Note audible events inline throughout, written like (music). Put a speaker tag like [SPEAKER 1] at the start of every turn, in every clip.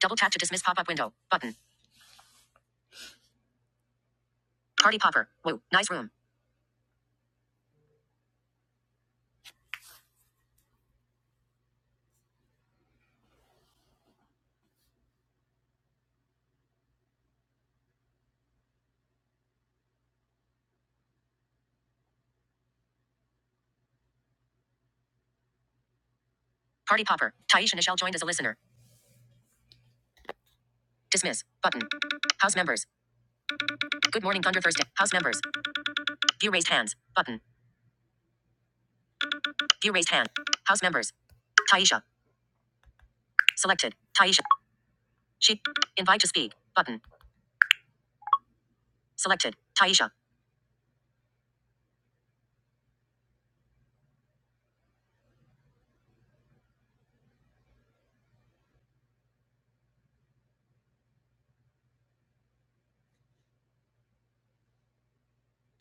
[SPEAKER 1] Double tap to dismiss pop up window. Button. Party popper. Woo. Nice room. Party popper. Taisha Nichelle joined as a listener. Dismiss. Button. House members. Good morning, Thunder Thursday. House members. View raised hands. Button. View raised hand. House members. Taisha. Selected. Taisha. She. Invite to speak. Button. Selected. Taisha.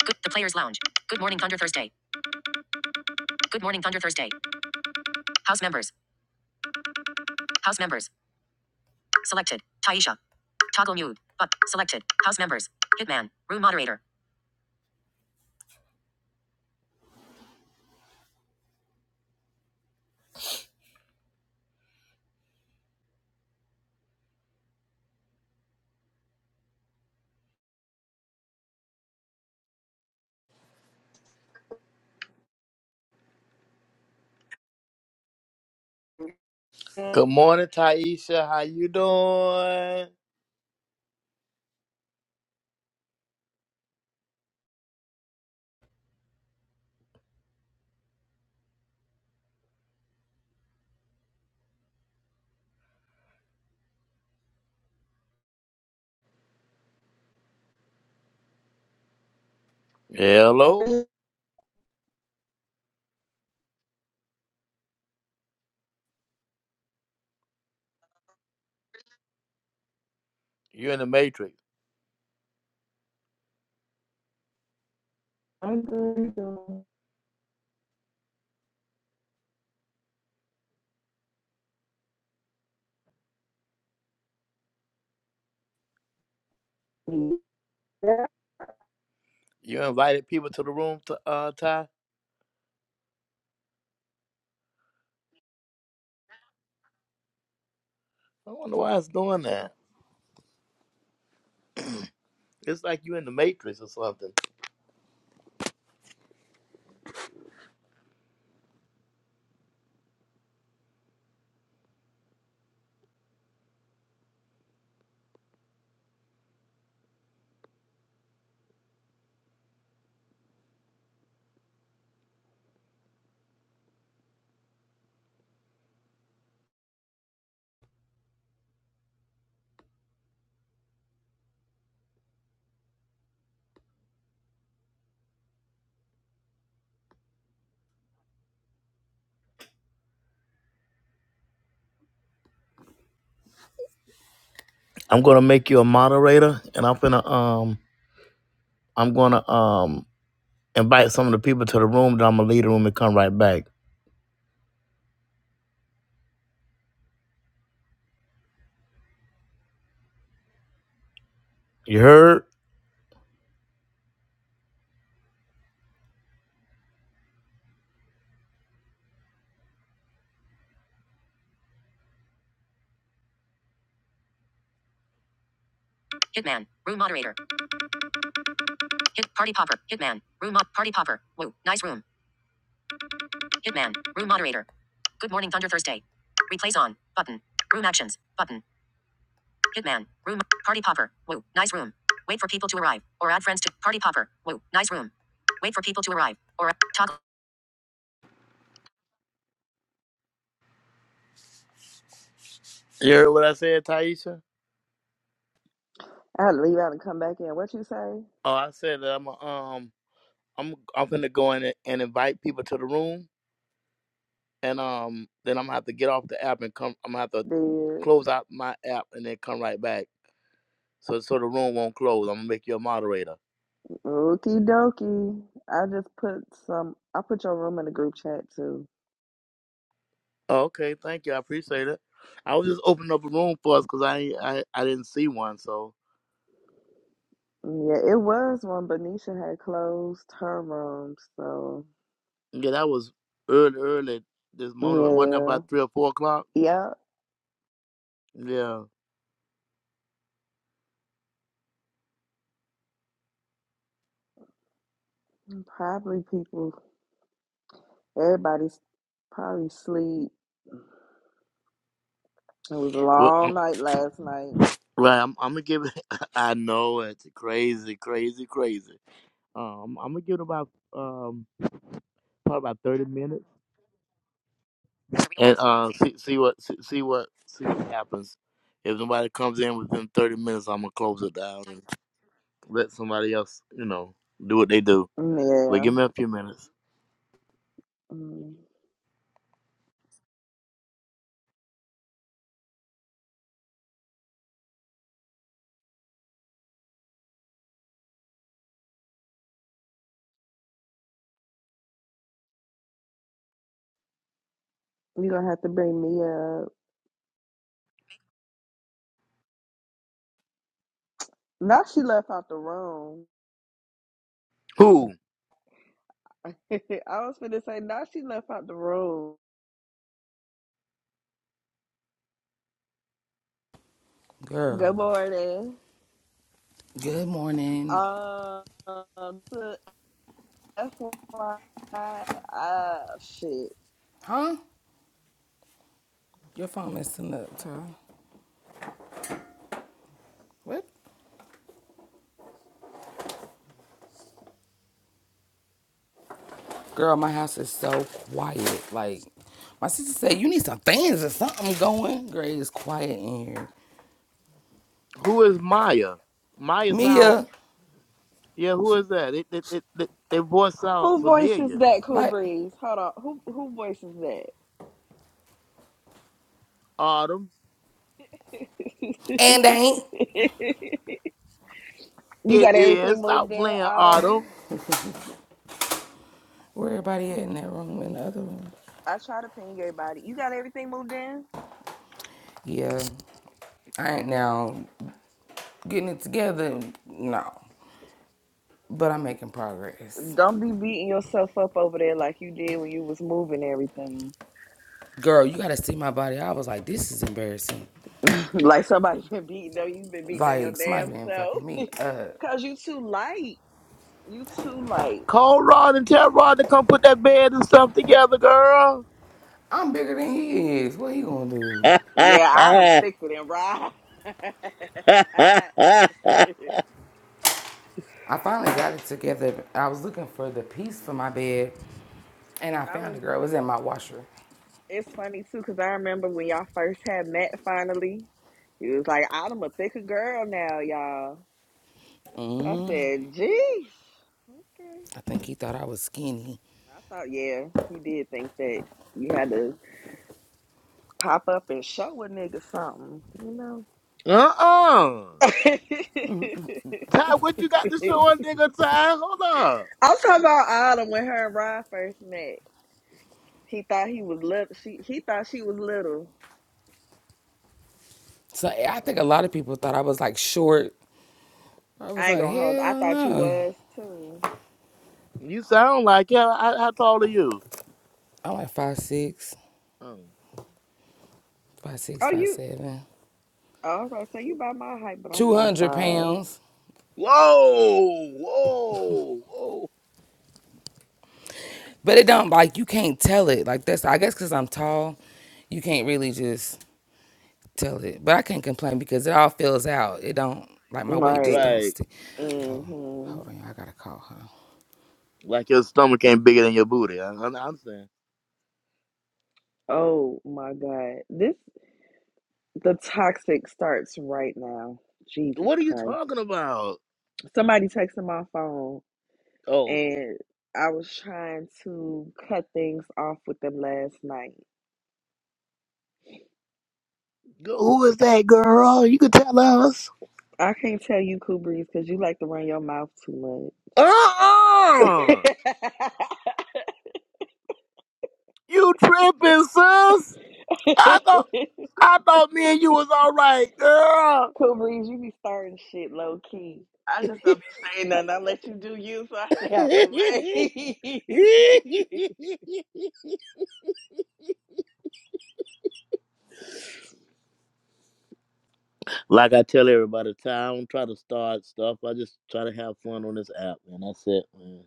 [SPEAKER 1] Good. The Players Lounge. Good morning, Thunder Thursday. Good morning, Thunder Thursday. House members. House members. Selected. Taisha. Toggle mute. But selected. House members. Hitman. Room moderator.
[SPEAKER 2] I'm
[SPEAKER 1] Good morning, Taisha. How you doing? Hello.
[SPEAKER 2] good.
[SPEAKER 1] You in the Matrix?
[SPEAKER 2] doing good. I
[SPEAKER 1] You invited people to the room, to, uh, Ty. I wonder why it's doing that. It's like you in the Matrix or something. I'm gonna make you a moderator, and I'm gonna um, I'm gonna um, invite some of the people to the room. Then I'm gonna leave the room and come right back. You heard? Hitman, room moderator. Hit party popper. Hitman, room mo- party popper. Woo, nice room. Hitman, room moderator. Good morning, Thunder Thursday. Replays on button. Room actions button. Hitman. Room. Party popper. Woo. Nice room. Wait for people to arrive. Or add friends to party popper. Woo. Nice room. Wait for people to arrive. Or toggle. You heard what I said, Taisha?
[SPEAKER 2] had to leave out and come back in. What you say?
[SPEAKER 1] Oh, I said that I'm um I'm I'm gonna go in and invite people to the room and um then I'm gonna have to get off the app and come I'm gonna have to
[SPEAKER 2] Dead.
[SPEAKER 1] close out my app and then come right back. So so the room won't close. I'm gonna make you a moderator.
[SPEAKER 2] Okie dokie. I just put some, I put your room in the group chat too.
[SPEAKER 1] Oh, okay, thank you. I appreciate it. I was just opening up a room for us because I, I I didn't see one, so
[SPEAKER 2] Yeah, it was when Benicia had closed her room. So,
[SPEAKER 1] Yeah, that was early, early this morning. Wasn't that
[SPEAKER 2] yeah.
[SPEAKER 1] about three or four o'clock?
[SPEAKER 2] yeah.
[SPEAKER 1] Yeah.
[SPEAKER 2] Probably people, everybody's probably sleep. It was a
[SPEAKER 1] Well,
[SPEAKER 2] long
[SPEAKER 1] um,
[SPEAKER 2] night last night.
[SPEAKER 1] right. I'm, I'm gonna give it. (laughs) I know it's crazy, crazy, crazy. Um, I'm gonna give it about um probably about thirty minutes and uh see see what see, see what see what happens. If nobody comes in within thirty minutes, I'm gonna close it down and let somebody else you know do what they do. But give
[SPEAKER 2] Yeah.
[SPEAKER 1] me a few minutes.
[SPEAKER 2] Mm. you going to have to bring me up. Now she left out the room.
[SPEAKER 1] Who
[SPEAKER 2] (laughs) I was gonna say now she left out the room.
[SPEAKER 3] Girl.
[SPEAKER 2] Good morning.
[SPEAKER 3] Good morning.
[SPEAKER 2] Um, to FYI, uh, shit.
[SPEAKER 3] Huh? Your phone messing up, Ty. What? Girl, my house is so quiet. Like, my sister said, you need some fans or something going. Girl, it's quiet in here.
[SPEAKER 1] who is Maya? Maya sound.
[SPEAKER 3] Mia,
[SPEAKER 1] Yeah, who is that? It, it, it, it, their voice sound
[SPEAKER 2] Who voices
[SPEAKER 1] familiar.
[SPEAKER 2] that, Cool
[SPEAKER 3] like,
[SPEAKER 2] Breeze? Hold on. Who who voices that?
[SPEAKER 1] Autumn.
[SPEAKER 3] and I ain't.
[SPEAKER 2] (laughs) you got
[SPEAKER 1] It is.
[SPEAKER 2] everything moved
[SPEAKER 1] Stop
[SPEAKER 2] in,
[SPEAKER 1] playing,
[SPEAKER 2] Otto.
[SPEAKER 1] Autumn.
[SPEAKER 3] Where everybody at in that room, in the other room?
[SPEAKER 2] I try to ping everybody. You got everything moved in.
[SPEAKER 3] Yeah. I ain't now getting it together. No. But I'm making progress.
[SPEAKER 2] Don't be beating yourself up over there like you did when you was moving everything.
[SPEAKER 3] Girl, you gotta see my body. I was like, this is embarrassing.
[SPEAKER 2] (laughs) Like somebody's been beating on you, been beating on your
[SPEAKER 3] Like, somebody
[SPEAKER 2] damn
[SPEAKER 3] been
[SPEAKER 2] self.
[SPEAKER 3] fucking me up.
[SPEAKER 2] (laughs) Cause you too light. You too light.
[SPEAKER 1] Call Rod and tell Rod to come put that bed and stuff together, girl.
[SPEAKER 3] I'm bigger than he is. What he gonna do?
[SPEAKER 1] (laughs)
[SPEAKER 2] Yeah, I done thicker than rye. (laughs) I
[SPEAKER 3] I finally got it together. I was looking for the piece for my bed, and I found it.
[SPEAKER 2] rem-
[SPEAKER 3] Girl, it was in my washer.
[SPEAKER 2] it's funny too, cause I remember when y'all first had met. Finally, he was like, "I'm a thicker girl now, y'all." I said, "Geez, okay."
[SPEAKER 3] I think he thought I was skinny.
[SPEAKER 2] I thought, yeah, he did think that you had to pop up and show a nigga something, you
[SPEAKER 1] Uh-uh. Ty, what you got
[SPEAKER 2] know.
[SPEAKER 1] to
[SPEAKER 2] (laughs)
[SPEAKER 1] show a nigga, Ty? Hold up.
[SPEAKER 2] I'm talking about Autumn when her and Rod first met. He thought he was little. She he thought she was little.
[SPEAKER 3] So I think a lot of people thought I was like short. I was
[SPEAKER 2] I ain't
[SPEAKER 3] like,
[SPEAKER 2] gonna hold. I
[SPEAKER 3] hell
[SPEAKER 2] thought you
[SPEAKER 3] no.
[SPEAKER 2] was too.
[SPEAKER 1] You sound like yeah. How, how tall are you?
[SPEAKER 3] I'm like five six,
[SPEAKER 1] Mm.
[SPEAKER 3] five six,
[SPEAKER 2] Oh,
[SPEAKER 3] five
[SPEAKER 2] you.
[SPEAKER 3] seven,
[SPEAKER 2] Oh, I was about to say you about my height, but I'm
[SPEAKER 3] two
[SPEAKER 2] five
[SPEAKER 3] hundred
[SPEAKER 2] five.
[SPEAKER 3] pounds.
[SPEAKER 1] Whoa, whoa, whoa.
[SPEAKER 3] But it don't like you can't tell it. Like that's I guess because I'm tall, you can't really just Tell it. But I can't complain because it all fills out. It don't like my weight just
[SPEAKER 2] Right.
[SPEAKER 3] don't
[SPEAKER 1] Right.
[SPEAKER 3] stick. Oh, hold
[SPEAKER 2] Mm-hmm.
[SPEAKER 3] on, I gotta call her.
[SPEAKER 1] Like your stomach ain't bigger than your booty. I, I I understand.
[SPEAKER 2] Oh my God. This the toxic starts right now. Jesus
[SPEAKER 1] What are you
[SPEAKER 2] Christ.
[SPEAKER 1] talking about?
[SPEAKER 2] Somebody texted my phone,
[SPEAKER 1] Oh.
[SPEAKER 2] and I was trying to cut things off with them last night.
[SPEAKER 1] Who is that girl? You can tell us.
[SPEAKER 2] I can't tell you, Cool Breeze, because you like to run your mouth too (laughs)
[SPEAKER 1] Uh-uh! You tripping, sis? I thought I thought me and you was all right, girl.
[SPEAKER 2] cool breeze, you be starting shit low key. I just don't be saying nothing. I let you do you, so I stay out the
[SPEAKER 1] (laughs)
[SPEAKER 2] way. (laughs) yeah,
[SPEAKER 1] like I tell everybody, Ty, I don't try to start stuff. I just try to have fun on this app, man. That's it, man.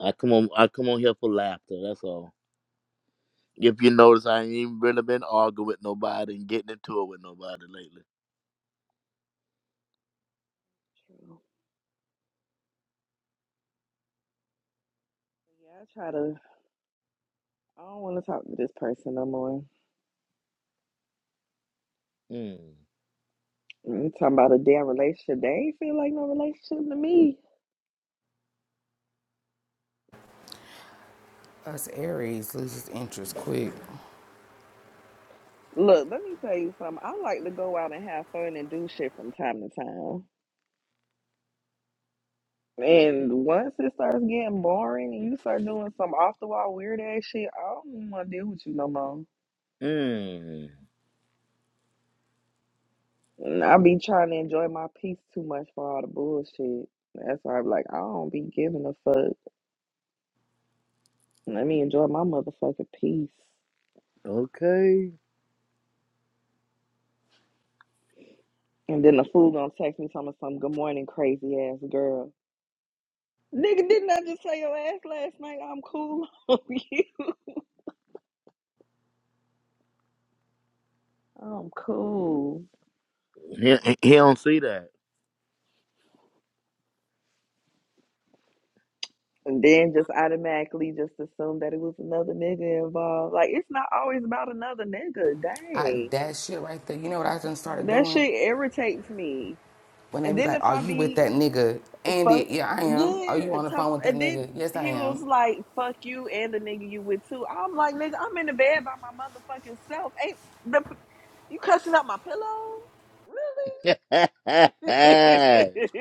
[SPEAKER 1] I come on, I come on here for laughter. That's all. If you notice, I ain't even really been arguing with nobody and getting into it with nobody lately.
[SPEAKER 2] I try to. I don't want to talk to this person no more.
[SPEAKER 1] Mm.
[SPEAKER 2] You talking about a damn relationship? They ain't feel like no relationship to me.
[SPEAKER 3] Us Aries loses interest quick.
[SPEAKER 2] Look, let me tell you something. I like to go out and have fun and do shit from time to time. And once it starts getting boring and you start doing some off the wall weird ass shit, I don't want to deal with you no more.
[SPEAKER 1] Mm.
[SPEAKER 2] And I be trying to enjoy my peace too much for all the bullshit. That's why I'm like, I don't be giving a fuck. Let me enjoy my motherfucking peace.
[SPEAKER 1] Okay.
[SPEAKER 2] And then the fool gonna text me talking about some good morning crazy ass girl. Nigga, didn't I just say your ass last night? I'm cool (laughs) on you. I'm cool.
[SPEAKER 1] He, he don't see that.
[SPEAKER 2] And then just automatically just assume that it was another nigga involved. Like it's not always about another nigga.
[SPEAKER 3] I
[SPEAKER 2] Dang.
[SPEAKER 3] that shit right there. You know what I done started
[SPEAKER 2] That
[SPEAKER 3] doing?
[SPEAKER 2] shit irritates me.
[SPEAKER 3] When they
[SPEAKER 2] And
[SPEAKER 3] be
[SPEAKER 2] then
[SPEAKER 3] like,
[SPEAKER 2] if
[SPEAKER 3] "Are
[SPEAKER 2] I
[SPEAKER 3] you with
[SPEAKER 2] be
[SPEAKER 3] that nigga?" Andy,
[SPEAKER 2] Fuck
[SPEAKER 3] yeah, I am. Are you
[SPEAKER 2] yeah,
[SPEAKER 3] on the
[SPEAKER 2] top
[SPEAKER 3] phone with that
[SPEAKER 2] and then
[SPEAKER 3] nigga? Yes, I
[SPEAKER 2] he was
[SPEAKER 3] am.
[SPEAKER 2] like, "Fuck you and the nigga you with too." I'm like, "Nigga, I'm in the bed by my motherfucking self. Ain't the you cussing up my pillow? Really?" (laughs)
[SPEAKER 1] (laughs)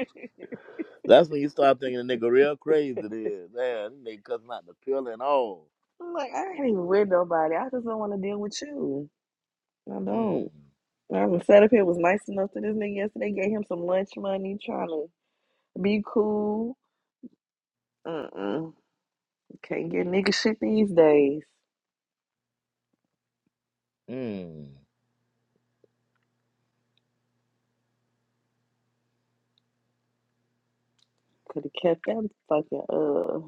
[SPEAKER 1] That's when you start thinking the nigga real crazy then. Man, this nigga cussing out the pill and all.
[SPEAKER 2] I'm like, I ain't even with nobody. I just don't want to deal with you. I
[SPEAKER 1] Mm.
[SPEAKER 2] don't. I was set up here was nice enough to this nigga yesterday. Gave him some lunch money, trying to be cool. Uh uh can not get nigga shit these days.
[SPEAKER 1] Mm.
[SPEAKER 2] Could have kept that fucking uh?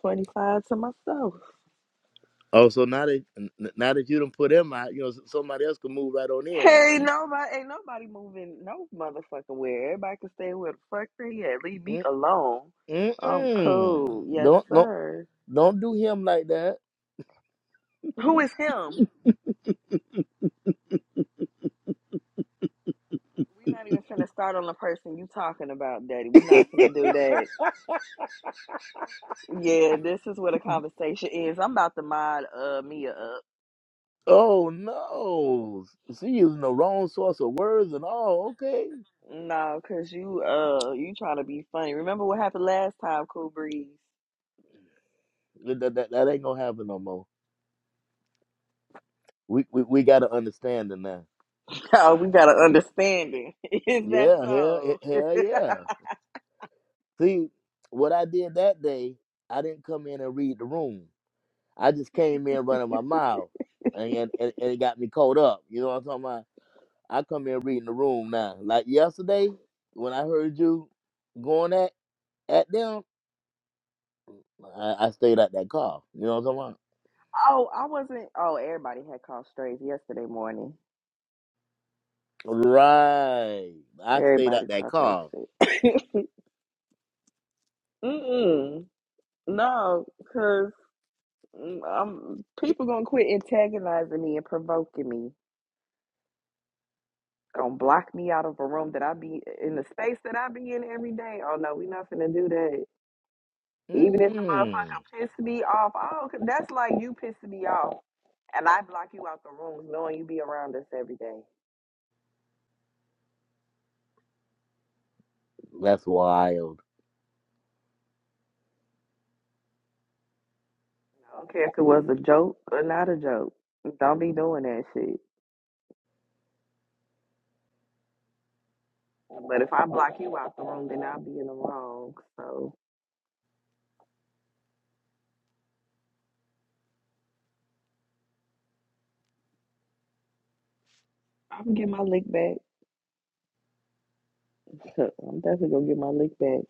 [SPEAKER 2] 25 to myself.
[SPEAKER 1] Oh, so now that n- now that you done put him out, you know, s- somebody else can move right on in, huh?
[SPEAKER 2] Hey, nobody, ain't nobody moving no motherfucking where. Everybody can stay where the fuck they at. Leave me
[SPEAKER 1] Mm
[SPEAKER 2] alone.
[SPEAKER 1] mm
[SPEAKER 2] I'm
[SPEAKER 1] mm.
[SPEAKER 2] cool. Yes,
[SPEAKER 1] Don't don't
[SPEAKER 2] sir.
[SPEAKER 1] don't do him like that.
[SPEAKER 2] Who is him? We not even finna start on the person you talking about, Daddy. We not finna do that.
[SPEAKER 1] (laughs)
[SPEAKER 2] Yeah, this is where the conversation is. I'm about to mod uh Mia up.
[SPEAKER 1] oh no. She using the wrong source of words and all, okay.
[SPEAKER 2] No, cause you uh you trying to be funny. Remember what happened last time, Cool Breeze? (laughs)
[SPEAKER 1] That, that, that ain't gonna happen no more. we we, we got to understand it now.
[SPEAKER 2] Oh, we got an understanding. (laughs) is that
[SPEAKER 1] Yeah, hell, he-
[SPEAKER 2] so?
[SPEAKER 1] hell yeah. See, what I did that day, I didn't come in and read the room. I just came in running my mouth, and and, and and it got me caught up. You know what I'm talking about? I come in reading the room now. Like yesterday, when I heard you going at at them, I, I stayed at that car. You know what I'm talking about?
[SPEAKER 2] Oh, I wasn't. Oh, everybody had called strays yesterday morning.
[SPEAKER 1] Right. I stayed
[SPEAKER 2] Everybody
[SPEAKER 1] at that
[SPEAKER 2] caught that
[SPEAKER 1] car.
[SPEAKER 2] shit. (laughs) Mm-mm. No, because um, people gonna quit antagonizing me and provoking me. Gonna block me out of a room that I be in the space that I be in every day. Oh no, we not finna do that. Even if the
[SPEAKER 1] Mm-mm.
[SPEAKER 2] motherfucker piss me off, oh, 'cause that's like you pissing me off, and I block you out the room, knowing you be around us every day.
[SPEAKER 1] That's wild.
[SPEAKER 2] I don't care if it was a joke or not a joke. Don't be doing that shit. But if I block you out the room, then I'll be in the wrong. So I'm gonna get my lick back. (laughs) I'm definitely gonna get my lick back.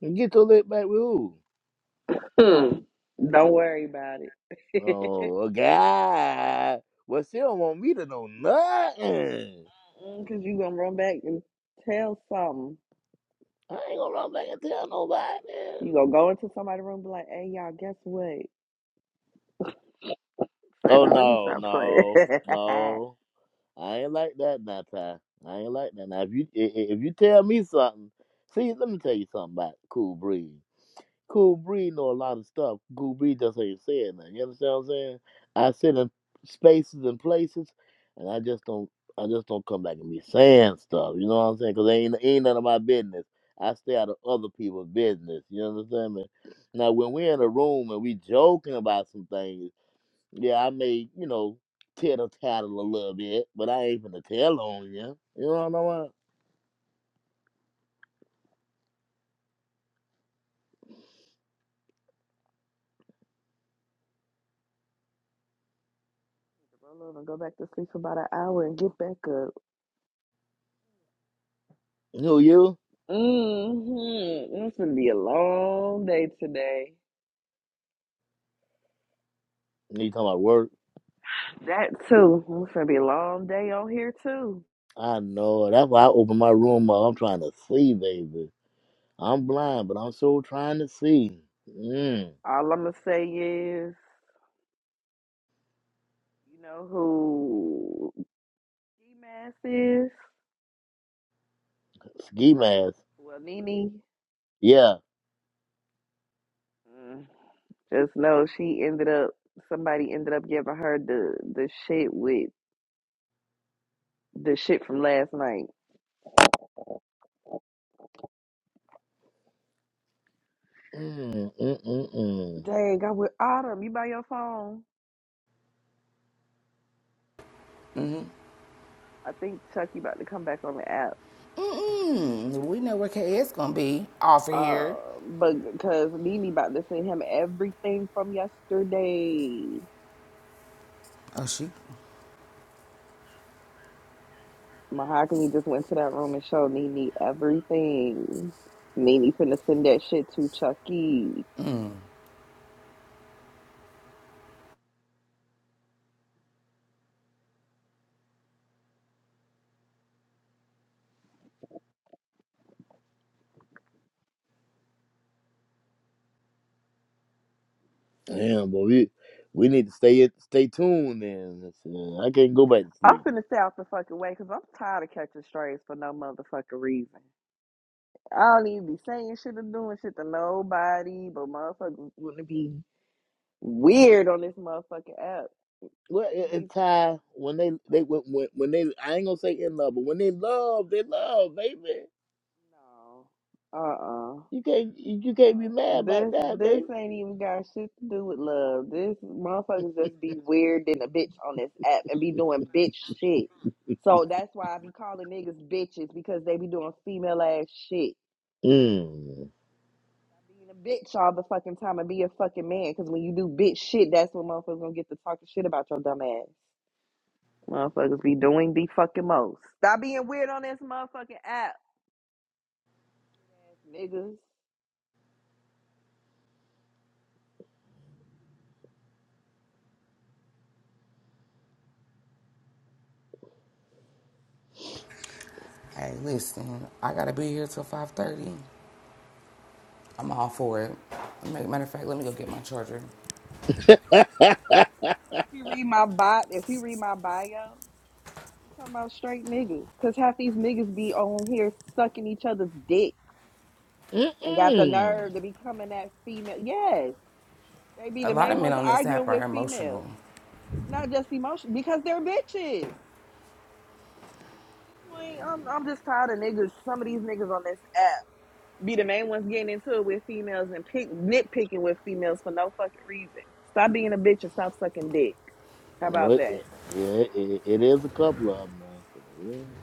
[SPEAKER 1] Get your lip back with who?
[SPEAKER 2] Hmm. Don't worry about it. (laughs)
[SPEAKER 1] Oh, well, God. Well, she don't want me to know nothing.
[SPEAKER 2] Because you gonna run back and tell something.
[SPEAKER 1] I ain't gonna run back and tell nobody.
[SPEAKER 2] you gonna go into somebody's room and be like, hey, y'all, guess what? Say,
[SPEAKER 1] Oh,
[SPEAKER 2] no, let me
[SPEAKER 1] no,
[SPEAKER 2] stop playing. (laughs)
[SPEAKER 1] no, no. I ain't like that, now, Ty. I ain't like that. Now, if you i- i- if you tell me something, see, let me tell you something about Cool Breeze. Cool Breed know a lot of stuff. Cool Breed just not even say nothing. You understand what I'm saying? I sit in spaces and places, and I just don't. I just don't come back and be saying stuff. You know what I'm saying? Because ain't ain't none of my business. I stay out of other people's business. You understand me? Now, when we're in a room and we joking about some things, yeah, I may you know tittle tattle a little bit, but I ain't finna tell on you. You know what I'm talking
[SPEAKER 2] Roll over and go back to sleep for about an hour and get back up.
[SPEAKER 1] about? Who you?
[SPEAKER 2] Mm-hmm. It's gonna be a long day today.
[SPEAKER 1] You talking about work?
[SPEAKER 2] That too. It's gonna be a long day on here too.
[SPEAKER 1] I know. That's why I open my room up. I'm trying to see, baby. I'm blind, but I'm so trying to see. Mm.
[SPEAKER 2] All I'm gonna say is, you know who G Mass is?
[SPEAKER 1] Ski mask.
[SPEAKER 2] Well, Nene.
[SPEAKER 1] Yeah.
[SPEAKER 2] Mm, Just know she ended up. Somebody ended up giving her the the shit with the shit from last night.
[SPEAKER 1] Mm, mm, mm, mm.
[SPEAKER 2] Dang, I with Autumn. You by your phone? I think Chucky about to come back on the app.
[SPEAKER 3] Mm, we know where KS gonna be. Off of here.
[SPEAKER 2] Uh, but because Nene about to send him everything from yesterday.
[SPEAKER 3] Oh, she.
[SPEAKER 2] Mahogany just went to that room and showed Nene everything. Nene finna send that shit to Chucky.
[SPEAKER 1] Damn, but we we need to stay stay tuned. Then Shit, I can't go back to
[SPEAKER 2] I'm
[SPEAKER 1] sleep.
[SPEAKER 2] finna stay out the fucking way because I'm tired of catching strays for no motherfucking reason. I don't even be saying shit or doing shit to nobody, but motherfuckers wanna be weird on this motherfucking app.
[SPEAKER 1] Well, it,
[SPEAKER 2] These-
[SPEAKER 1] it's time when they they when, when when they I ain't gonna say in love, but when they love, they love, baby.
[SPEAKER 2] No. Uh uh
[SPEAKER 1] You can't you you can't be
[SPEAKER 2] Uh,
[SPEAKER 1] mad about
[SPEAKER 2] this
[SPEAKER 1] that,
[SPEAKER 2] this
[SPEAKER 1] baby.
[SPEAKER 2] ain't even got shit to do with love. This motherfuckers just be weird than a bitch on this app and be doing bitch shit. So that's why I be calling niggas bitches because they be doing female ass shit.
[SPEAKER 1] Mm.
[SPEAKER 2] Stop being a bitch all the fucking time and be a fucking man because when you do bitch shit, that's when motherfuckers gonna get to talking shit about your dumb ass. Motherfuckers be doing the fucking most. Stop being weird on this motherfucking app, ass niggas.
[SPEAKER 3] Hey, listen, I gotta be here till five thirty. I'm all for it. matter of fact, let me go get my charger.
[SPEAKER 1] (laughs)
[SPEAKER 2] That's why if you read my bio, if you read my bio. You talking about straight niggas, cause half these niggas be on here sucking each other's dicks and got the
[SPEAKER 1] Mm-mm.
[SPEAKER 2] nerve to be coming at female. Yes, they be
[SPEAKER 3] A
[SPEAKER 2] the
[SPEAKER 3] lot
[SPEAKER 2] main
[SPEAKER 3] of men
[SPEAKER 2] ones
[SPEAKER 3] on this
[SPEAKER 2] arguing
[SPEAKER 3] app are
[SPEAKER 2] with
[SPEAKER 3] emotional.
[SPEAKER 2] females, not just emotion, because they're bitches. At this point, I'm I'm just tired of niggas. Some of these niggas on this app be the main ones getting into it with females and pick, nitpicking with females for no fucking reason. Stop being a bitch and stop sucking dick. How
[SPEAKER 1] Well,
[SPEAKER 2] about
[SPEAKER 1] it-
[SPEAKER 2] that?
[SPEAKER 1] it- Yeah, it, it is a couple of them now. Yeah.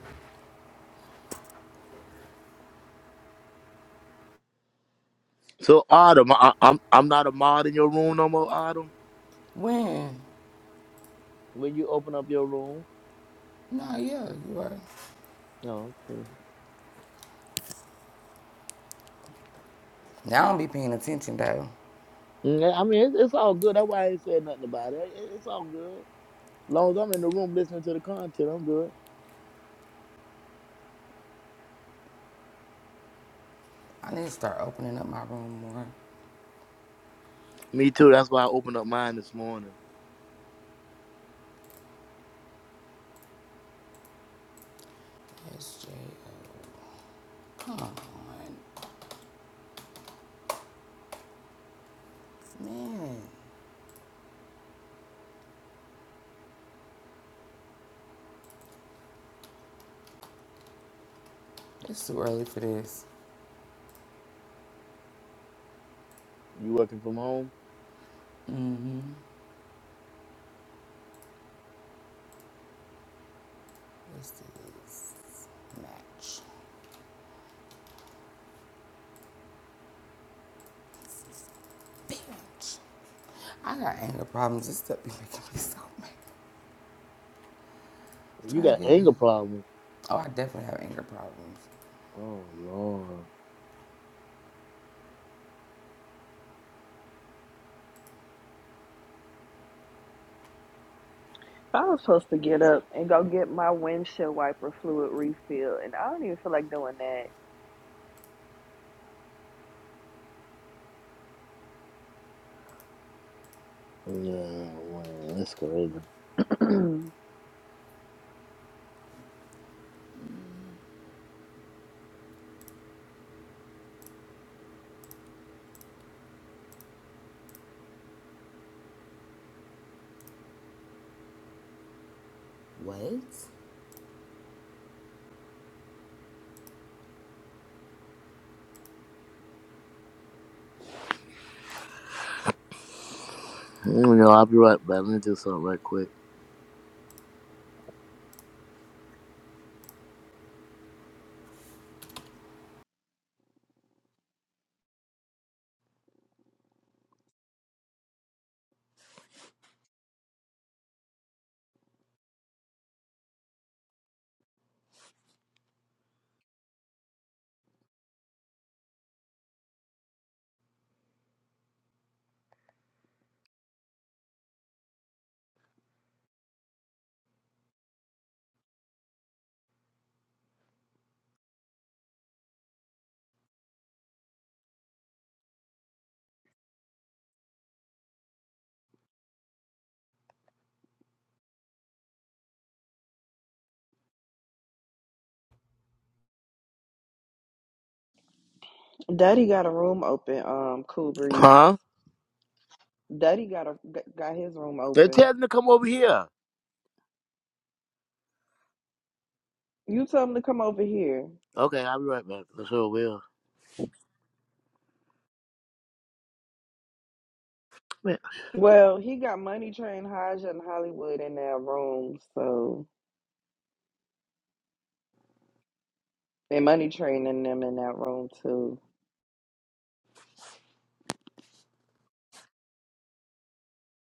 [SPEAKER 1] So Autumn, I, I'm I'm not a mod in your room no more, Autumn.
[SPEAKER 3] When?
[SPEAKER 1] When you open up your room.
[SPEAKER 3] Nah, yeah, you are.
[SPEAKER 1] Oh, okay.
[SPEAKER 3] Now I don't be paying attention though.
[SPEAKER 1] Yeah, I mean, it's, it's all good. That's why I ain't said nothing about it. It- It's all good. long as I'm in the room listening to the content, I'm good.
[SPEAKER 3] I need to start opening up my room more.
[SPEAKER 1] Me too. That's why I opened up mine this morning.
[SPEAKER 3] SJ on. Man, it's too early for this.
[SPEAKER 1] You working from home?
[SPEAKER 3] Let's do this. Match. Bitch. I got anger problems. This stuff be making me so mad.
[SPEAKER 1] You
[SPEAKER 3] Trying
[SPEAKER 1] got
[SPEAKER 3] to get.
[SPEAKER 1] anger problems.
[SPEAKER 3] Oh, I definitely have anger problems.
[SPEAKER 1] Oh Lord.
[SPEAKER 2] I was supposed to get up and go get my windshield wiper fluid refill, and I don't even feel like doing
[SPEAKER 1] No, man, that's crazy.
[SPEAKER 2] that.
[SPEAKER 3] What?
[SPEAKER 1] Mm, You I'll be right back. Let me do something right quick.
[SPEAKER 2] (clears throat) Daddy got a room open. Um, cool breeze.
[SPEAKER 1] Huh?
[SPEAKER 2] Daddy got a got his room
[SPEAKER 1] They
[SPEAKER 2] open.
[SPEAKER 1] tell me to come over here.
[SPEAKER 2] You tell him to come over here.
[SPEAKER 1] Okay, I'll be right back. I'm sure it will.
[SPEAKER 2] Well, he got Money Train, Haja, and Hollywood in that room. So and Money Train and them in that room too.